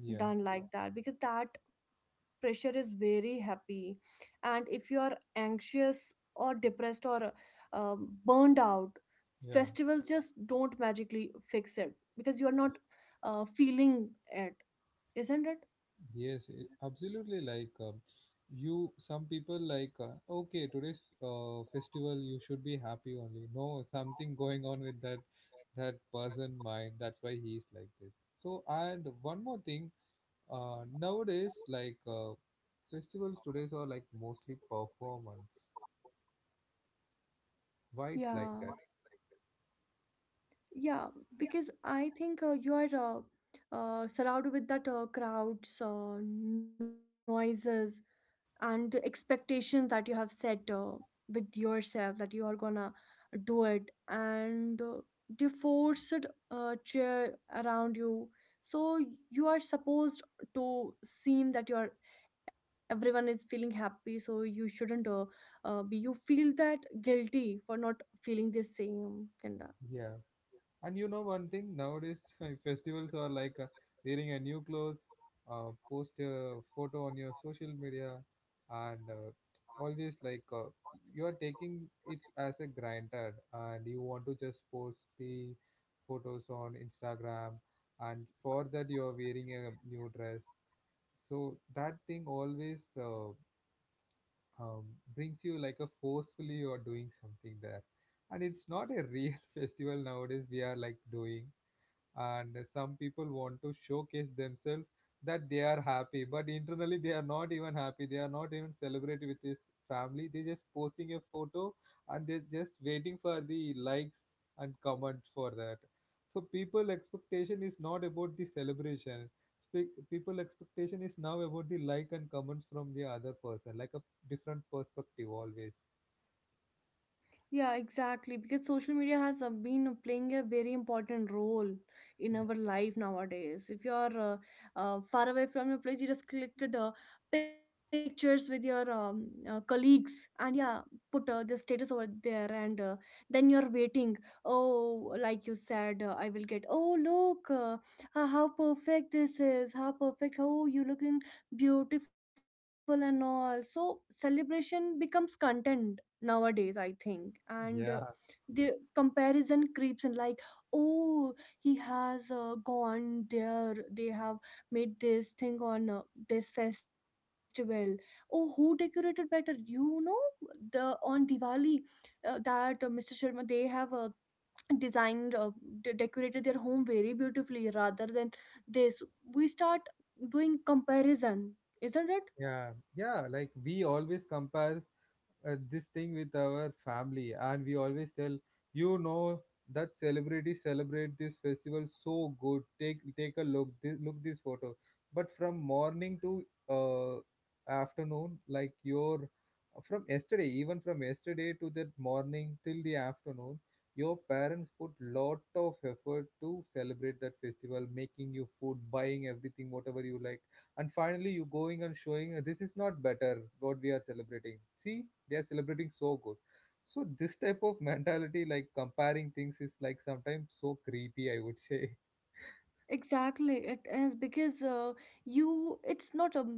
Yeah, done like that, because that pressure is very happy. And if you are anxious or depressed or uh, burned out, yeah, festivals just don't magically fix it, because you are not feeling it, isn't it? yes it, absolutely like you, some people like okay today's festival you should be happy only, no, something going on with that person mind, that's why he's like this. So, and one more thing, nowadays like festivals today's are like mostly performance. Why it's like Yeah. that? Yeah, because I think you are surrounded with that crowds, noises and the expectations that you have set with yourself, that you are gonna do it. And they force cheer around you. So you are supposed to seem that you are, everyone is feeling happy, so you shouldn't be, you feel that guilty for not feeling the same kinda. Yeah. And you know one thing, nowadays festivals are like wearing a new clothes, post a photo on your social media, and always like you are taking it as a granted, and you want to just post the photos on Instagram, and for that you are wearing a new dress. So that thing always um, brings you like a forcefully you are doing something there, and it's not a real festival nowadays. We are like doing, and some people want to showcase themselves that they are happy, but internally they are not even happy, they are not even celebrating with his family, they just posting a photo, and they're just waiting for the likes and comments for that. So people expectation is not about the celebration. Speak, people expectation is now about the like and comments from the other person, like a different perspective always. Yeah, exactly. Because social media has been playing a very important role in our life nowadays. If you're far away from your place, you just collected pictures with your colleagues and, yeah, put the status over there. And then you're waiting. Oh, like you said, I will get, oh, look, how perfect this is, how perfect, oh, you looking beautiful and all. So celebration becomes content nowadays, I think. And the comparison creeps in, like, oh, he has gone there, they have made this thing on this festival. Oh, who decorated better, you know, the, on Diwali, that Mr. Sharma, they have designed, decorated their home very beautifully rather than this. We start doing comparison, isn't it? Yeah yeah, like we always compare this thing with our family, and we always tell, you know, that celebrities celebrate this festival so good, take a look this photo. But from morning to uh, afternoon like your, from yesterday, even from yesterday to that morning till the afternoon, your parents put lot of effort to celebrate that festival, making you food, buying everything whatever you like, and finally you going and showing this is not better what we are celebrating, see, they are celebrating so good. So this type of mentality like comparing things is like sometimes so creepy, I would say. Exactly, it is because you, it's not a,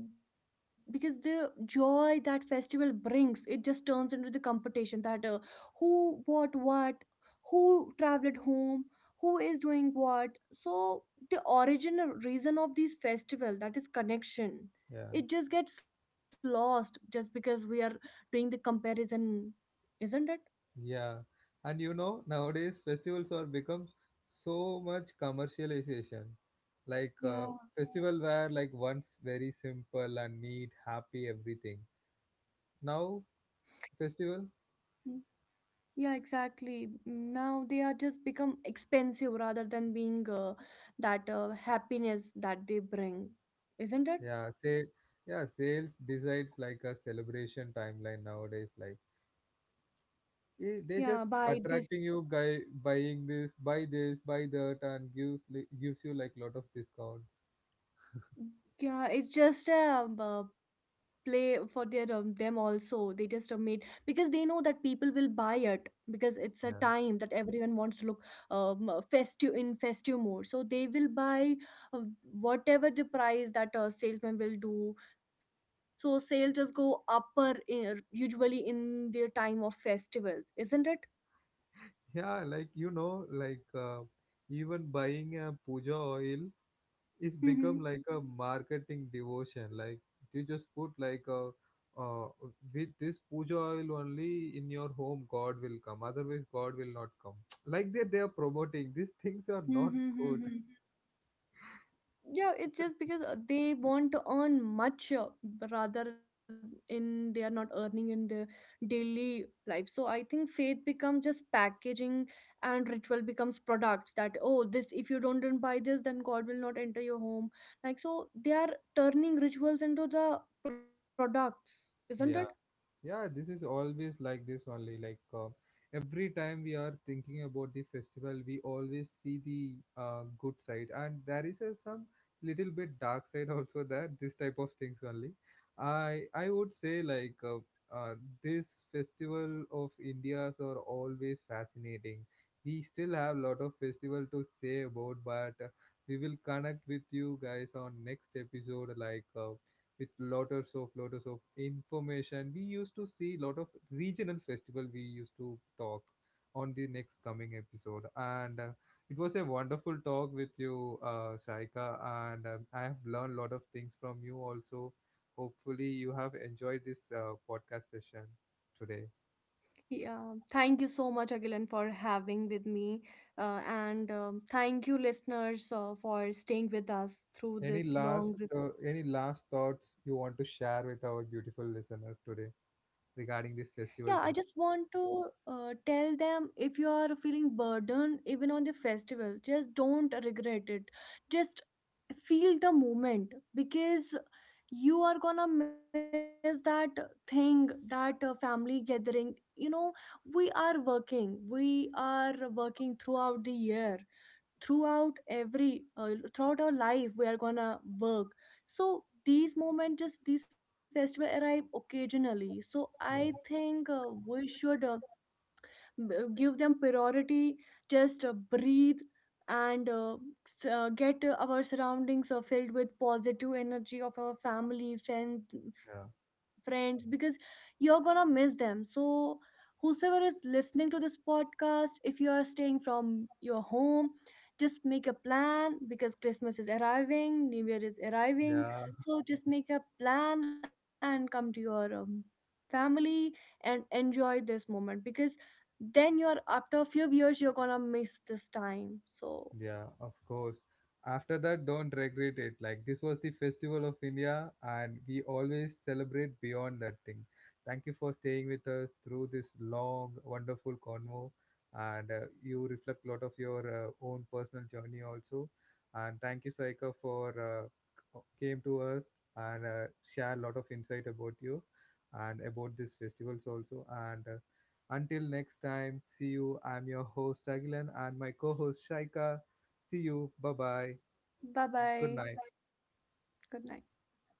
because the joy that festival brings, it just turns into the competition that who bought what, who traveled home, who is doing what. So the original reason of these festival, that is connection, Yeah. it just gets lost just because we are doing the comparison, isn't it? Yeah, and you know nowadays festivals are become so much commercialization, like Yeah. festival were like once very simple and neat, happy, everything. Now festival, Yeah, exactly. Now they are just become expensive rather than being that happiness that they bring, isn't it? yeah say, yeah, sales decides like a celebration timeline nowadays. Like, eh, Yeah, they just by this. attracting you, guy buying this, buy that, and gives you like lot of discounts. Yeah, it's just a play for their them also. They just made because they know that people will buy it because it's a Yeah. time that everyone wants to look festive, in festive mode. So they will buy uh, whatever the price that salesman will do. So sales just go upper in, usually in their time of festivals, isn't it? Yeah, like you know, like even buying a puja oil is become like a Mm-hmm. marketing devotion. Like you just put like a uh, with this puja oil only in your home, God will come. Otherwise, God will not come. Like that, they are promoting. These things are not Mm-hmm. good. Mm-hmm. Yeah, it's It's just a- because they want to earn much rather, in, they are not earning in their daily life. So I think faith becomes just packaging and ritual becomes products, that, oh, this, if you don't then buy this, then God will not enter your home. Like, so they are turning rituals into the products, isn't it? Yeah. Yeah, this is always like this only. Like every time we are thinking about the festival, we always see the good side, and there is some little bit dark side also there. This type of things only. I would say like uh, this festival of India's are always fascinating. We still have lot of festival to say about, but we will connect with you guys on next episode. Like with lotters of information. We used to see lot of regional festival. We used to talk on the next coming episode, and it was a wonderful talk with you, Shaika, and I have learned a lot of things from you also. Hopefully, you have enjoyed this podcast session today. Yeah. Thank you so much, Agilan, for having with me. And Thank you, listeners, for staying with us through this long. Any last thoughts you want to share with our beautiful listeners today regarding Yeah, this I just festival thing? want to tell them, if you are feeling burdened even on the festival, just don't regret it. Just feel the moment because you are gonna miss that thing, that family gathering. You know, we are working throughout the year, throughout every throughout our life we are gonna work. So these moments, just these festivals arrive occasionally, so Yeah. I think we should, give them priority. Just breathe and get our surroundings filled with positive energy of our Yeah. friends, because you're gonna miss them. So whosoever is listening to this podcast, if you are staying from your home, just make a plan, because Christmas is arriving, New Year is Yeah. arriving. So just make a plan and come to your family and enjoy this moment, because then you're, after a few years, you're gonna miss this time. Yeah, So of course. After that, don't regret it. Like, this was the festival of India, and we always celebrate beyond that thing. Thank you for staying with us through this long, wonderful convo. And you reflect a lot of your own personal journey also. And thank you, Saika, for came to us and share a lot of insight about you and about these festivals also. And until next time, see you. I'm your host, Agilan, and my co host, Shaika. See you. Bye bye. Good bye night. bye, good night.